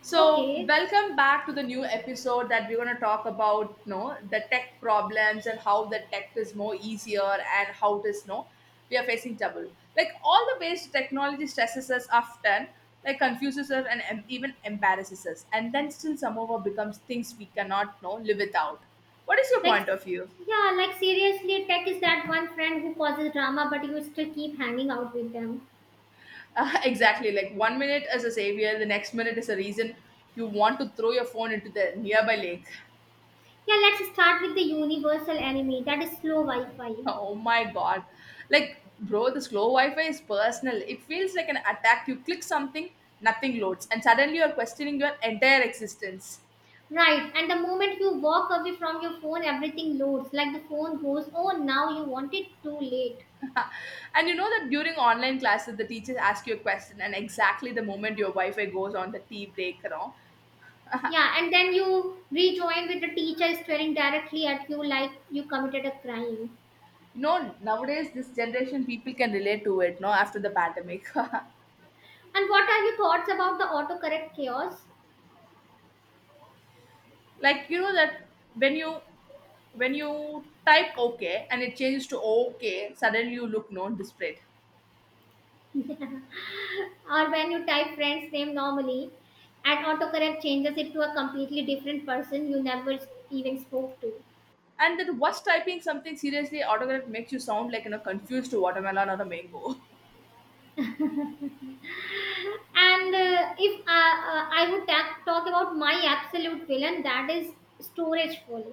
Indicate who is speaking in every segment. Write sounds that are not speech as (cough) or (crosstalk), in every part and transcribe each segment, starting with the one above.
Speaker 1: So,
Speaker 2: Okay.
Speaker 1: welcome back to the new episode that we're going to talk about, you know, the tech problems and how the tech is more easier and how it is, you know, we are facing trouble. Like all the ways technology stresses us often, like confuses us and even embarrasses us. And then still somehow becomes things we cannot, you know, live without. What is your
Speaker 2: Like,
Speaker 1: point of view?
Speaker 2: yeah, like seriously, tech is that one friend who causes drama, but you still keep hanging out with them.
Speaker 1: (laughs) Exactly. Like 1 minute as a savior, the next minute is a reason you want to throw your phone into the nearby lake.
Speaker 2: Yeah, let's start with the universal enemy that is slow Wi
Speaker 1: (laughs)
Speaker 2: Fi.
Speaker 1: Oh my god. Like, bro, the slow Wi Fi is personal. It feels like an attack. You click something, nothing loads, and suddenly you're questioning your entire existence.
Speaker 2: Right, and the moment you walk away from your phone, everything loads. Like the phone goes, oh, now you want it too late.
Speaker 1: (laughs) And you know that during online classes, the teachers ask you a question, and exactly the moment your Wi Fi goes on the tea break.
Speaker 2: Yeah, and then you rejoin with the teacher staring directly at you like you committed a crime.
Speaker 1: You know, nowadays, this generation people can relate to it, no, after the pandemic. (laughs)
Speaker 2: And what are your thoughts about the autocorrect chaos?
Speaker 1: Like, you know, that when you when you type okay and it changes to okay, suddenly you look non displayed.
Speaker 2: Or when you type friend's name normally and autocorrect changes it to a completely different person you never even spoke to.
Speaker 1: And then what's typing something seriously autocorrect makes you sound like you know confused to watermelon or a mango.
Speaker 2: And if I would talk about my absolute villain, that is storage full.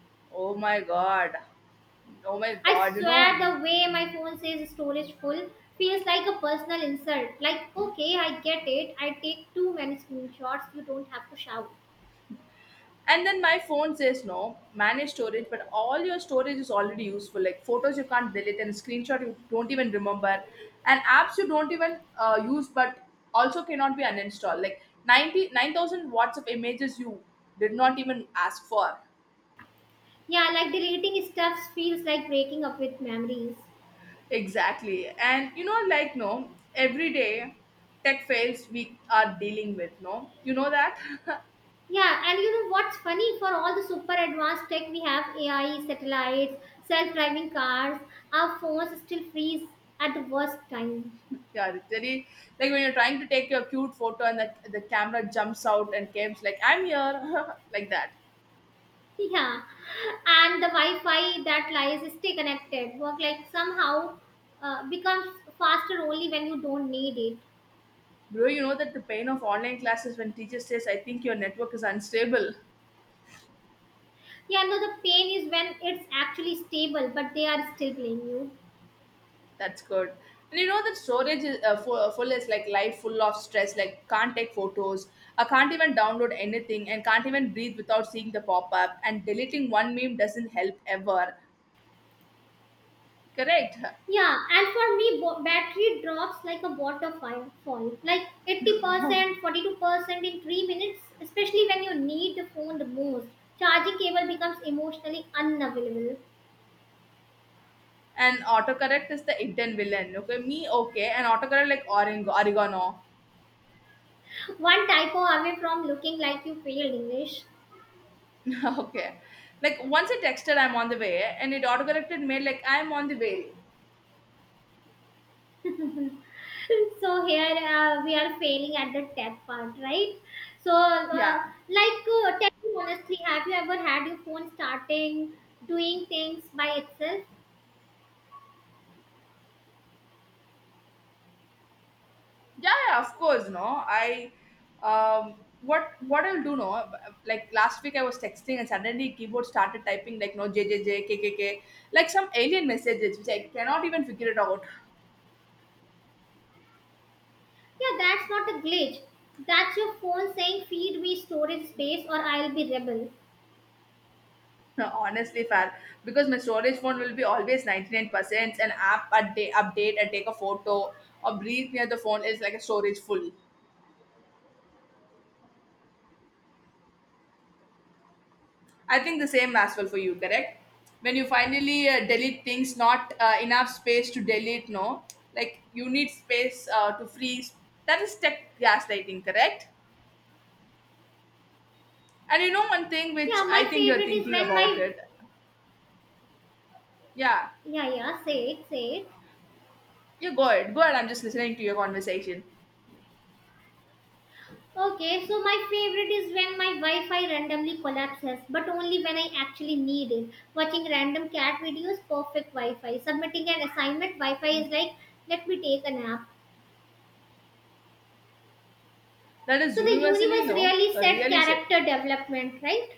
Speaker 1: (laughs) Oh my god. Oh my
Speaker 2: I
Speaker 1: god, you
Speaker 2: swear
Speaker 1: know.
Speaker 2: the way my phone says storage full feels like a personal insult. Like, okay, I get it, I take too many screenshots, you don't have to shout.
Speaker 1: And then my phone says no, manage storage, but all your storage is already useful. Like photos you can't delete and screenshot you don't even remember. And apps you don't even use but also cannot be uninstalled. Like 99,000 watts of images you did not even ask for.
Speaker 2: Yeah, like deleting stuff feels like breaking up with memories.
Speaker 1: Exactly. And you know, like no, every day tech fails we are dealing with, no? You know that?
Speaker 2: Yeah, and you know what's funny? For all the super advanced tech we have, AI, satellites, self-driving cars, our phones still freeze at the worst time. (laughs)
Speaker 1: (laughs) Yeah, it's very like when you're trying to take your cute photo and the camera jumps out and comes like, I'm here (laughs) like that.
Speaker 2: Yeah, and the Wi-Fi that lies stay connected. Work like somehow becomes faster only when you don't need it.
Speaker 1: Bro, you know that the pain of online classes when teacher says, I think your network is unstable.
Speaker 2: Yeah, no, the pain is when it's actually stable, but they are still playing you.
Speaker 1: That's good. And you know that storage is full, full is like life full of stress. Like can't take photos. I can't even download anything, and can't even breathe without seeing the pop up. And deleting one meme doesn't help ever. Correct. (laughs)
Speaker 2: Yeah, and for me, battery drops like a water fire fall, like
Speaker 1: Oh.
Speaker 2: 80%, 42% in 3 minutes, especially when you need the phone the most. Charging cable becomes emotionally unavailable.
Speaker 1: And autocorrect is the Indian villain. Okay, me okay, and autocorrect like orango, oregano.
Speaker 2: (laughs) One typo away from looking like you failed English.
Speaker 1: (laughs) Okay, like once I texted I'm on the way, and it autocorrected me like I'm on the way.
Speaker 2: (laughs) So here we are failing at the tech part, right? So, uh,
Speaker 1: Yeah.
Speaker 2: Tell me honestly, have you ever had your phone starting doing things by itself?
Speaker 1: Yeah, yeah, of course no. I um what I'll do no, like last week I was texting and suddenly keyboard started typing like no JJJKKK, like some alien messages which I cannot even figure it out.
Speaker 2: Yeah, that's not a glitch. That's your phone saying feed me storage space or I'll be rebel.
Speaker 1: (laughs) Honestly fair, because my storage phone will be always 99%. An app a day update and take a photo or breathe near the phone is like a storage full. I think the same as well for you, correct? When you finally delete things, not enough space to delete, no? Like you need space to freeze. That is tech gaslighting, correct? And you know one thing
Speaker 2: Yeah,
Speaker 1: which I
Speaker 2: my
Speaker 1: think you're
Speaker 2: favorite is
Speaker 1: thinking
Speaker 2: when
Speaker 1: about
Speaker 2: my,
Speaker 1: it. Yeah,
Speaker 2: yeah, yeah, say it, say it.
Speaker 1: you go ahead. Go ahead. I'm just listening to your conversation.
Speaker 2: Okay, so my favorite is when my Wi-Fi randomly collapses, but only when I actually need it. Watching random cat videos, perfect Wi-Fi. Submitting an assignment, Wi-Fi is like, let me take a nap.
Speaker 1: That is
Speaker 2: So the
Speaker 1: universally,
Speaker 2: universe
Speaker 1: no,
Speaker 2: really said
Speaker 1: really said.
Speaker 2: character development, right?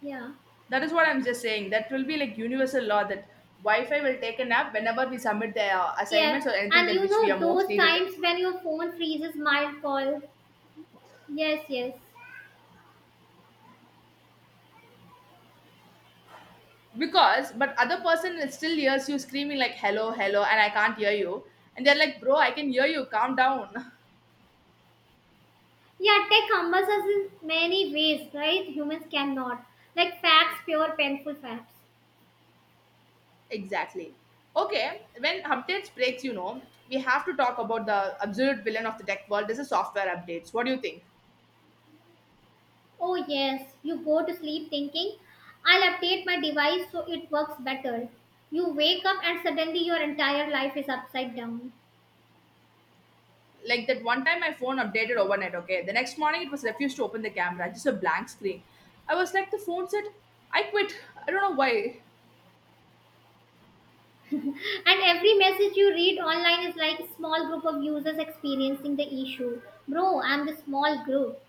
Speaker 2: Yeah.
Speaker 1: That is what I'm just saying. That will be like universal law that Wi-Fi will take a nap whenever we submit the
Speaker 2: Yeah.
Speaker 1: assignments or anything
Speaker 2: And
Speaker 1: that
Speaker 2: you
Speaker 1: which we
Speaker 2: know
Speaker 1: are most
Speaker 2: those
Speaker 1: needed.
Speaker 2: times when your phone freezes mild call. Yes, yes.
Speaker 1: Because but other person is still hears you screaming like hello hello and I can't hear you and they're like bro I can hear you calm down.
Speaker 2: Yeah, tech humbles us in many ways, right? Humans cannot. Like facts, pure painful facts.
Speaker 1: (laughs) Exactly. Okay, when updates breaks you know, we have to talk about the absolute villain of the tech world. This is software updates. What do you think?
Speaker 2: Oh, yes. You go to sleep thinking, I'll update my device so it works better. You wake up and suddenly your entire life is upside down.
Speaker 1: Like that one time my phone updated overnight. Okay, the next morning it was refused to open the camera, just a blank screen. I was like the phone said I quit. I don't know why.
Speaker 2: And every message you read online is like a small group of users experiencing the issue. Bro, I'm the small group.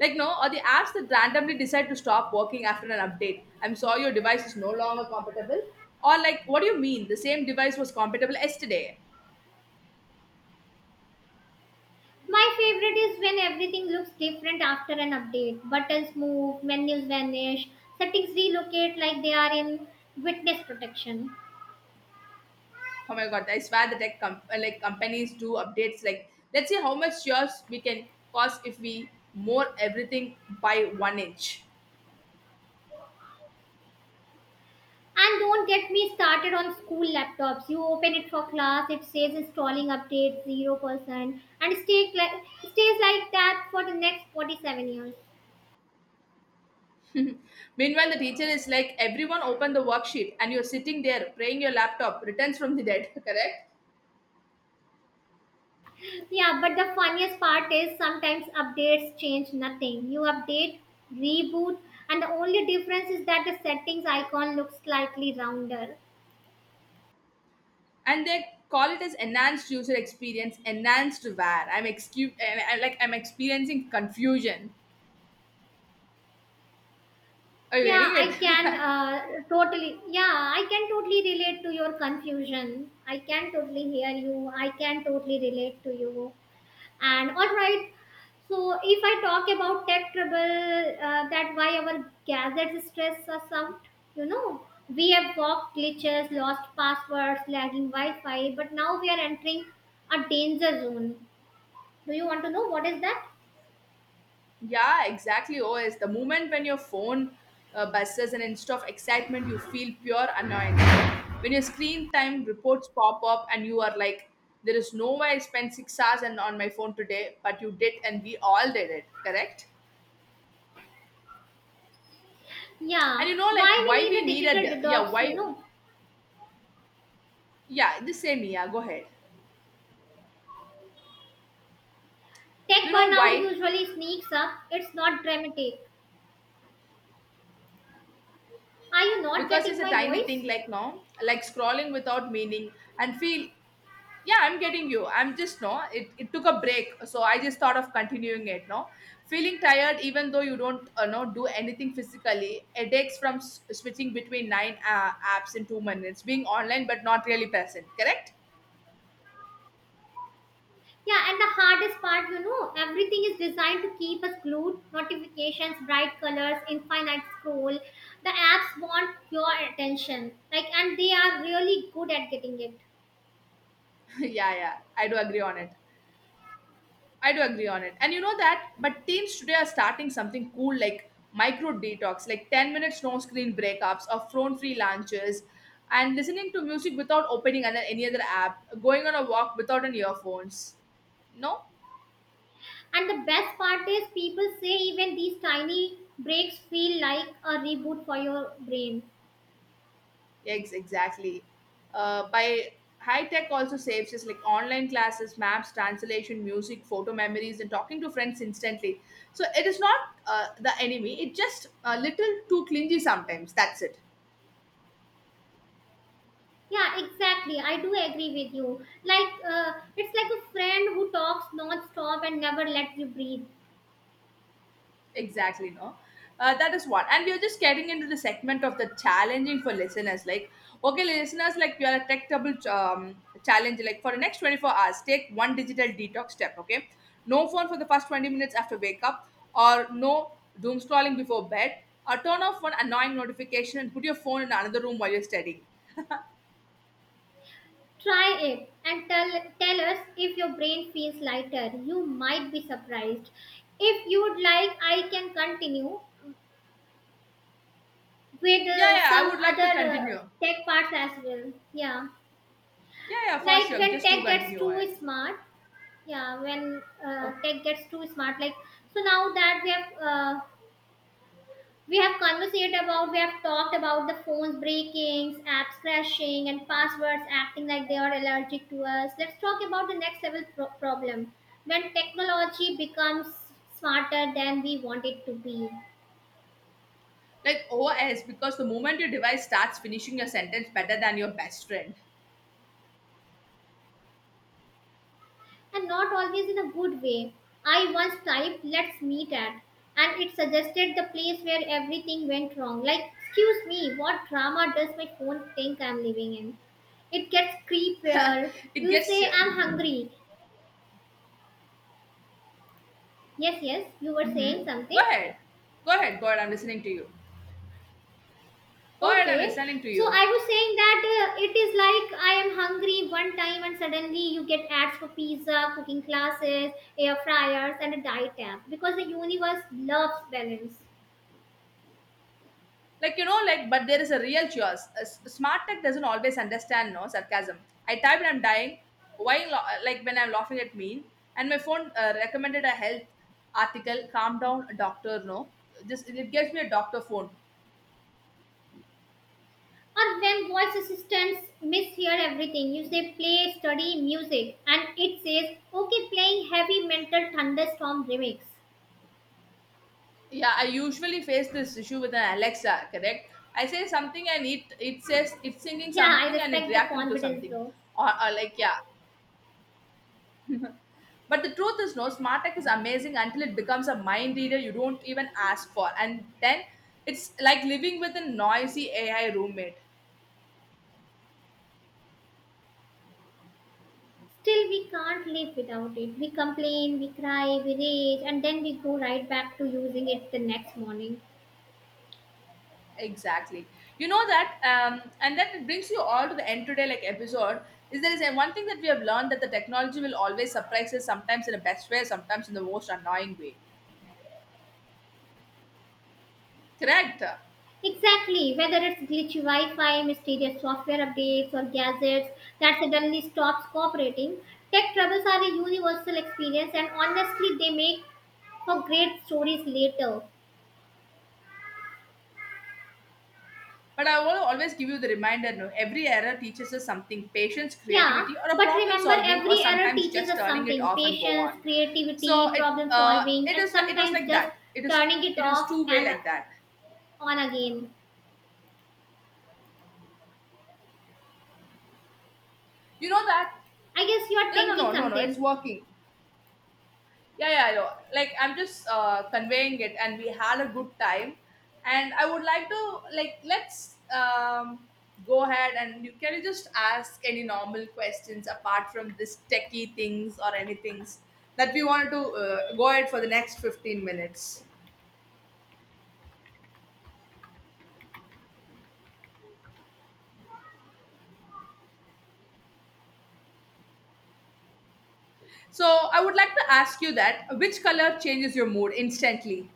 Speaker 1: Like, no, or the apps that randomly decide to stop working after an update. I'm sorry, your device is no longer compatible. Or like, what do you mean? The same device was compatible yesterday.
Speaker 2: My favorite is when everything looks different after an update. Buttons move, menus vanish, settings relocate like they are in witness protection.
Speaker 1: Oh my god, I swear the like companies do updates. Like, let's see how much years we can cost if we more everything by one inch.
Speaker 2: And don't get me started on school laptops. You open it for class, it says installing update 0% and stays like that for the next 47 years.
Speaker 1: (laughs) Meanwhile, the teacher is like, everyone open the worksheet, and you're sitting there praying your laptop returns from the dead, (laughs) correct?
Speaker 2: Yeah, but the funniest part is sometimes updates change nothing. You update, reboot, and the only difference is that the settings icon looks slightly rounder.
Speaker 1: And they call it as enhanced user experience enhanced var. I'm excu- I- Like I'm experiencing confusion. Are you
Speaker 2: Yeah,
Speaker 1: getting
Speaker 2: I can
Speaker 1: it?
Speaker 2: totally. Yeah, I can totally relate to your confusion. I can totally hear you. I can totally relate to you. And all right. So if I talk about tech trouble, that why our gadgets stress us out. You know, we have walked glitches, lost passwords, lagging Wi-Fi, but now we are entering a danger zone. Do you want to know what is that?
Speaker 1: (laughs) Yeah, exactly os the moment when your phone buzzes and instead of excitement you feel pure annoyance no, when your screen time reports pop up and you are like there is no way I spent 6 hours and on my phone today, but you did, and we all did it, correct? And
Speaker 2: Yeah,
Speaker 1: you know like why
Speaker 2: why we need
Speaker 1: we
Speaker 2: a
Speaker 1: need
Speaker 2: digital
Speaker 1: needed. Yeah,
Speaker 2: detox? You
Speaker 1: why.
Speaker 2: know,
Speaker 1: Yeah, the same, yeah, go ahead.
Speaker 2: tech
Speaker 1: You know
Speaker 2: burnout
Speaker 1: why,
Speaker 2: usually sneaks up. It's not dramatic. Are you not
Speaker 1: because it's
Speaker 2: getting
Speaker 1: a
Speaker 2: my
Speaker 1: tiny
Speaker 2: voice?
Speaker 1: thing like no, like scrolling without meaning and feel. Yeah, I'm getting you. I'm just no it took a break so I just thought of continuing it no, feeling tired even though you don't no do anything physically, headaches from switching between nine apps in 2 minutes, being online but not really present, correct?
Speaker 2: Yeah, and the hardest part, you know, everything is designed to keep us glued. Notifications, bright colors, infinite scroll. The apps want your attention. Like, and they are really good at getting it.
Speaker 1: (laughs) Yeah, yeah, I do agree on it. I do agree on it. And you know that, but teens today are starting something cool like micro detox, like 10 minutes no screen breakups or phone free lunches, and listening to music without opening any other app, going on a walk without an earphones. No?
Speaker 2: And the best part is, people say even these tiny breaks feel like a reboot for your brain.
Speaker 1: Yes, exactly. By high tech also saves us, like online classes, maps, translation, music, photo memories, and talking to friends instantly. So it is not the enemy. It just a little too clingy sometimes. That's it.
Speaker 2: Yeah, exactly. I do agree with you. Like, it's like a friend who talks non-stop and never lets you breathe.
Speaker 1: Exactly, no. That is one. And we are just getting into the segment of the challenging for listeners. Like, okay, listeners, like we are a tech double challenge. Like for the next 24 hours, take one digital detox step, okay? No phone for the first 20 minutes after wake up, or no doom scrolling before bed, or turn off one annoying notification and put your phone in another room while you're studying.
Speaker 2: Try it and tell us if your brain feels lighter. You might be surprised. If you would like, I can continue with
Speaker 1: Yeah, yeah, I
Speaker 2: some
Speaker 1: would like
Speaker 2: other
Speaker 1: to continue.
Speaker 2: tech parts as well. Yeah,
Speaker 1: Yeah, yeah, for
Speaker 2: like
Speaker 1: sure.
Speaker 2: when
Speaker 1: Just do
Speaker 2: tech gets
Speaker 1: continue on it.
Speaker 2: too smart. Yeah, when
Speaker 1: Okay.
Speaker 2: tech gets too smart. Like, so now that we have. We have conversated about, we have talked about the phones breakings, apps crashing, and passwords acting like they are allergic to us. Let's talk about the next level problem, when technology becomes smarter than we want it to be,
Speaker 1: Like OS, because the moment your device starts finishing your sentence better than your best friend,
Speaker 2: and not always in a good way. I once typed, let's meet at, and it suggested the place where everything went wrong. Like, excuse me, what drama does my phone think I'm living in? It gets creepier.
Speaker 1: (laughs) it
Speaker 2: You
Speaker 1: gets.
Speaker 2: say, I'm hungry. Yes, yes, you were saying
Speaker 1: Hmm. Go
Speaker 2: something.
Speaker 1: ahead. Go ahead. Go ahead. I'm listening to you. Go ahead. I'm
Speaker 2: Okay,
Speaker 1: listening to
Speaker 2: so
Speaker 1: you.
Speaker 2: I was saying that it is like I am hungry one time and suddenly you get ads for pizza, cooking classes, air fryers, and a diet app because the universe loves balance.
Speaker 1: Like, you know, like, but there is a real choice. A smart tech doesn't always understand, no, sarcasm. I typed I'm dying, why, like, when I'm laughing at me, and my phone recommended a health article, calm down, doctor, no. Just, it gives me a doctor phone.
Speaker 2: Or when voice assistants mishear everything, you say play, study, music, and it says okay, playing heavy mental thunderstorm remix.
Speaker 1: Yeah, I usually face this issue with an Alexa, correct? I say something and it says it's singing
Speaker 2: Yeah, I
Speaker 1: something and it
Speaker 2: respect the
Speaker 1: reacting to
Speaker 2: confidence
Speaker 1: something.
Speaker 2: though.
Speaker 1: Or like yeah. But the truth is no, smart tech is amazing until it becomes a mind reader you don't even ask for. And then it's like living with a noisy AI roommate.
Speaker 2: Still, we can't live without it. We complain, we cry, we rage, and then we go right back to using it the next morning.
Speaker 1: Exactly. You know that, and that it brings you all to the end today, like episode. Is there is a, one thing that we have learned that the technology will always surprise us, sometimes in the best way, sometimes in the most annoying way. Correct.
Speaker 2: Exactly, whether it's glitchy Wi Fi, mysterious software updates, or gadgets that suddenly stops cooperating, tech troubles are a universal experience, and honestly, they make for great stories later.
Speaker 1: But I will always give you the reminder no, every error teaches us something patience,
Speaker 2: Yeah,
Speaker 1: creativity, or a
Speaker 2: but
Speaker 1: problem
Speaker 2: remember,
Speaker 1: solving, or
Speaker 2: every error
Speaker 1: sometimes
Speaker 2: teaches
Speaker 1: just
Speaker 2: us
Speaker 1: turning it
Speaker 2: something,
Speaker 1: off and go on.
Speaker 2: patience,
Speaker 1: So
Speaker 2: creativity,
Speaker 1: it
Speaker 2: problem solving,
Speaker 1: it
Speaker 2: and
Speaker 1: is like it was
Speaker 2: sometimes
Speaker 1: like
Speaker 2: just
Speaker 1: that.
Speaker 2: turning it
Speaker 1: It is
Speaker 2: off
Speaker 1: two-way
Speaker 2: and
Speaker 1: like that.
Speaker 2: on again.
Speaker 1: You know that?
Speaker 2: I guess you are
Speaker 1: No, no,
Speaker 2: thinking
Speaker 1: no, no, no. It's
Speaker 2: something.
Speaker 1: working. Yeah, yeah, I know. Like I'm just conveying it and we had a good time and I would like to like let's go ahead and you can you just ask any normal questions apart from this techie things or anything that we wanted to go ahead for the next 15 minutes. So I would like to ask you that which color changes your mood instantly.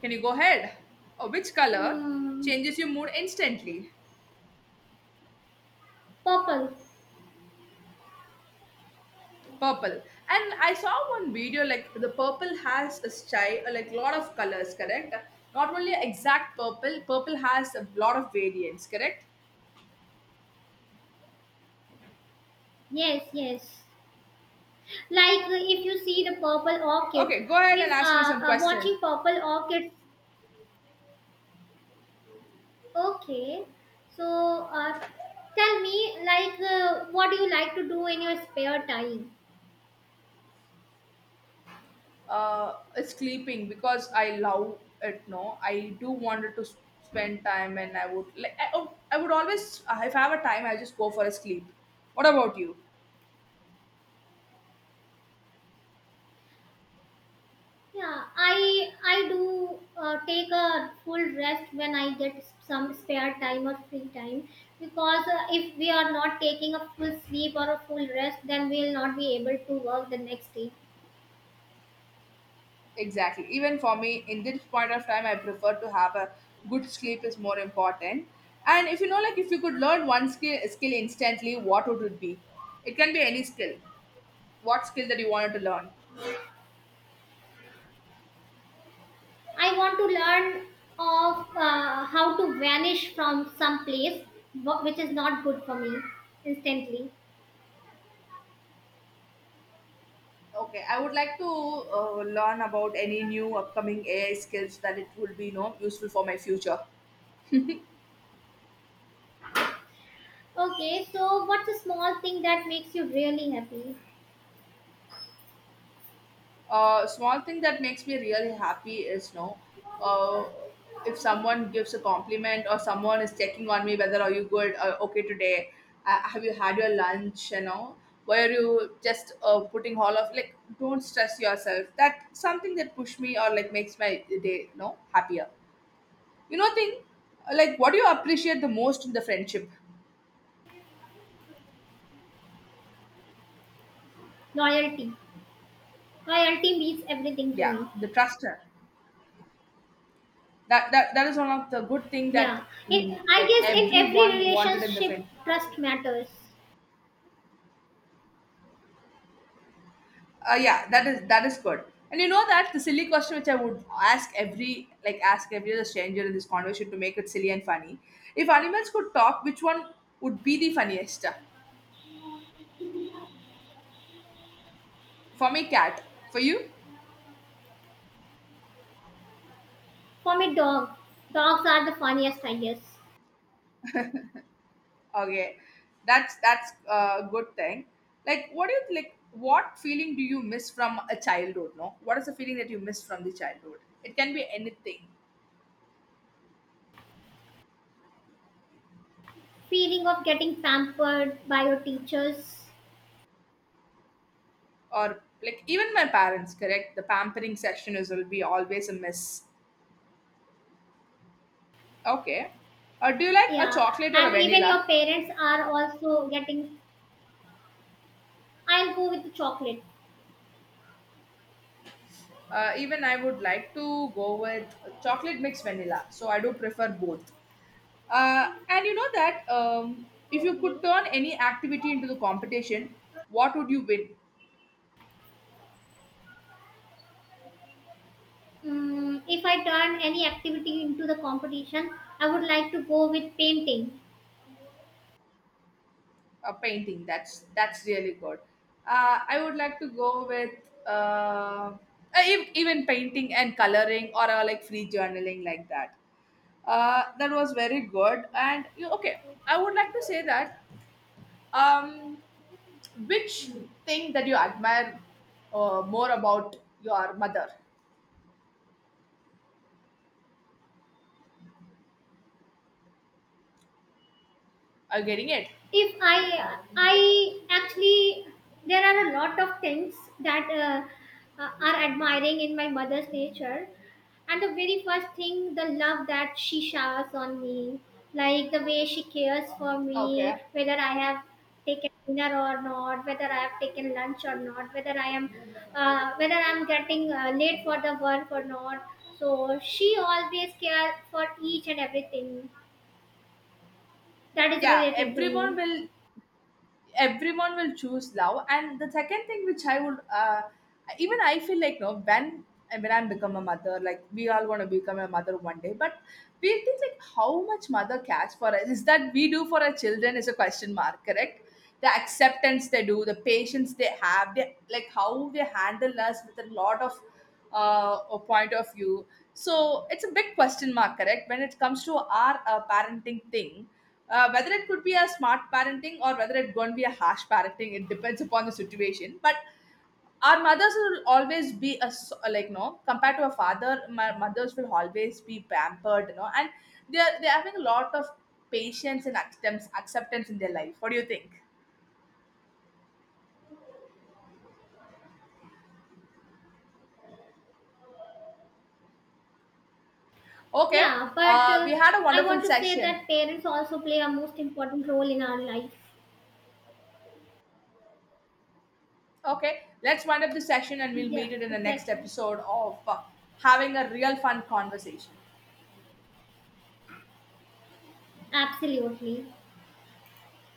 Speaker 1: Can you go ahead? Or which color
Speaker 2: Mm,
Speaker 1: changes your mood instantly.
Speaker 2: purple.
Speaker 1: Purple. And I saw one video like the purple has a style, like lot of colors, correct? Not only exact purple, purple has a lot of variants, correct?
Speaker 2: Yes, yes. Like, if you see the purple orchids,
Speaker 1: Okay, go ahead and
Speaker 2: means
Speaker 1: ask me some question.
Speaker 2: watching purple orchids. Okay. So, tell me, like, what do you like to do in your spare time?
Speaker 1: It's sleeping because I love it. No, I do wanted to spend time, and I would like I would always if I have a time, I just go for a sleep. What about you?
Speaker 2: Yeah, I do take a full rest when I get some spare time or free time, because if we are not taking a full sleep or a full rest, then we will not be able to work the next day.
Speaker 1: Exactly. Even for me, in this point of time, I prefer to have a good sleep is more important. And if you know, like, if you could learn one skill instantly, what would it be? It can be any skill. What skill that you wanted to learn?
Speaker 2: I want to learn of how to vanish from some place which is not good for me instantly.
Speaker 1: Okay, I would like to learn about any new upcoming AI skills that it will be, you know, useful for my future.
Speaker 2: Okay, so what's a small thing that makes you really happy?
Speaker 1: Small thing that makes me really happy is no, uh, if someone gives a compliment or someone is checking on me whether are you good, okay today, have you had your lunch, you know, where you just putting all of like don't stress yourself. That something that push me or like makes my day you know happier. You know thing like what do you appreciate the most in the friendship?
Speaker 2: Loyalty. Loyalty means everything to
Speaker 1: Yeah,
Speaker 2: me.
Speaker 1: the trust. That is one of the good thing
Speaker 2: Yeah,
Speaker 1: that
Speaker 2: in, I
Speaker 1: like
Speaker 2: guess in every
Speaker 1: everyone wanted in the
Speaker 2: relationship,
Speaker 1: friendship.
Speaker 2: trust matters.
Speaker 1: Yeah, that is good. And you know that the silly question which I would ask every other stranger in this conversation to make it silly and funny. If animals could talk, which one would be the funniest? For me, cat. For you?
Speaker 2: For me, dog. Dogs are the funniest, I guess.
Speaker 1: Okay, that's a good thing. Like, what do you like? What feeling do you miss from a childhood? No, What is the feeling that you miss from the childhood? It can be anything,
Speaker 2: Feeling of getting pampered by your teachers.
Speaker 1: or like even my parents. Correct, the pampering session is will be always a miss. Okay. Do you like a
Speaker 2: Yeah,
Speaker 1: chocolate or a
Speaker 2: and even
Speaker 1: vanilla?
Speaker 2: your parents are also getting. I'll go with the chocolate.
Speaker 1: Even I would like to go with chocolate mixed vanilla. So I do prefer both. And you know that if you could
Speaker 2: Okay.
Speaker 1: turn any activity into the competition, what would you win?
Speaker 2: Mm, if I turn any activity into the competition, I would like to go with painting.
Speaker 1: A painting. That's really good. I would like to go with uh, uh, even painting and coloring or like free journaling like that. That was very good. I would like to say that. Um, Which thing that you admire more about your mother? Are you getting it?
Speaker 2: If I I actually, there are a lot of things that are admiring in my mother's nature, and the very first thing, the love that she showers on me, like the way she cares for
Speaker 1: Okay.
Speaker 2: me, whether I have taken dinner or not, whether I have taken lunch or not, whether I am whether I'm getting late for the work or not, so she always cares for each and everything that is
Speaker 1: Yeah,
Speaker 2: related to
Speaker 1: everyone
Speaker 2: me.
Speaker 1: will everyone will choose love, and the second thing which I would, even I feel like no when I'm become a mother, like we all want to become a mother one day, but we think like how much mother cares for us is that we do for our children is a question mark, correct? The acceptance they do, the patience they have, they like how they handle us with a lot of a point of view. So it's a big question mark, correct, when it comes to our parenting thing. Whether it could be a smart parenting or whether it going to be a harsh parenting, it depends upon the situation. But our mothers will always be a like no, compared to a father, my mothers will always be pampered, you know, and they're having a lot of patience and acceptance in their life. What do you think? Okay,
Speaker 2: Yeah, but
Speaker 1: we had a
Speaker 2: I
Speaker 1: wonderful
Speaker 2: want to say
Speaker 1: session.
Speaker 2: that parents also play a most important role in our life.
Speaker 1: Okay, let's wind up the session and we'll
Speaker 2: Yeah,
Speaker 1: meet it in the next
Speaker 2: exactly.
Speaker 1: episode of having a real fun conversation.
Speaker 2: Absolutely.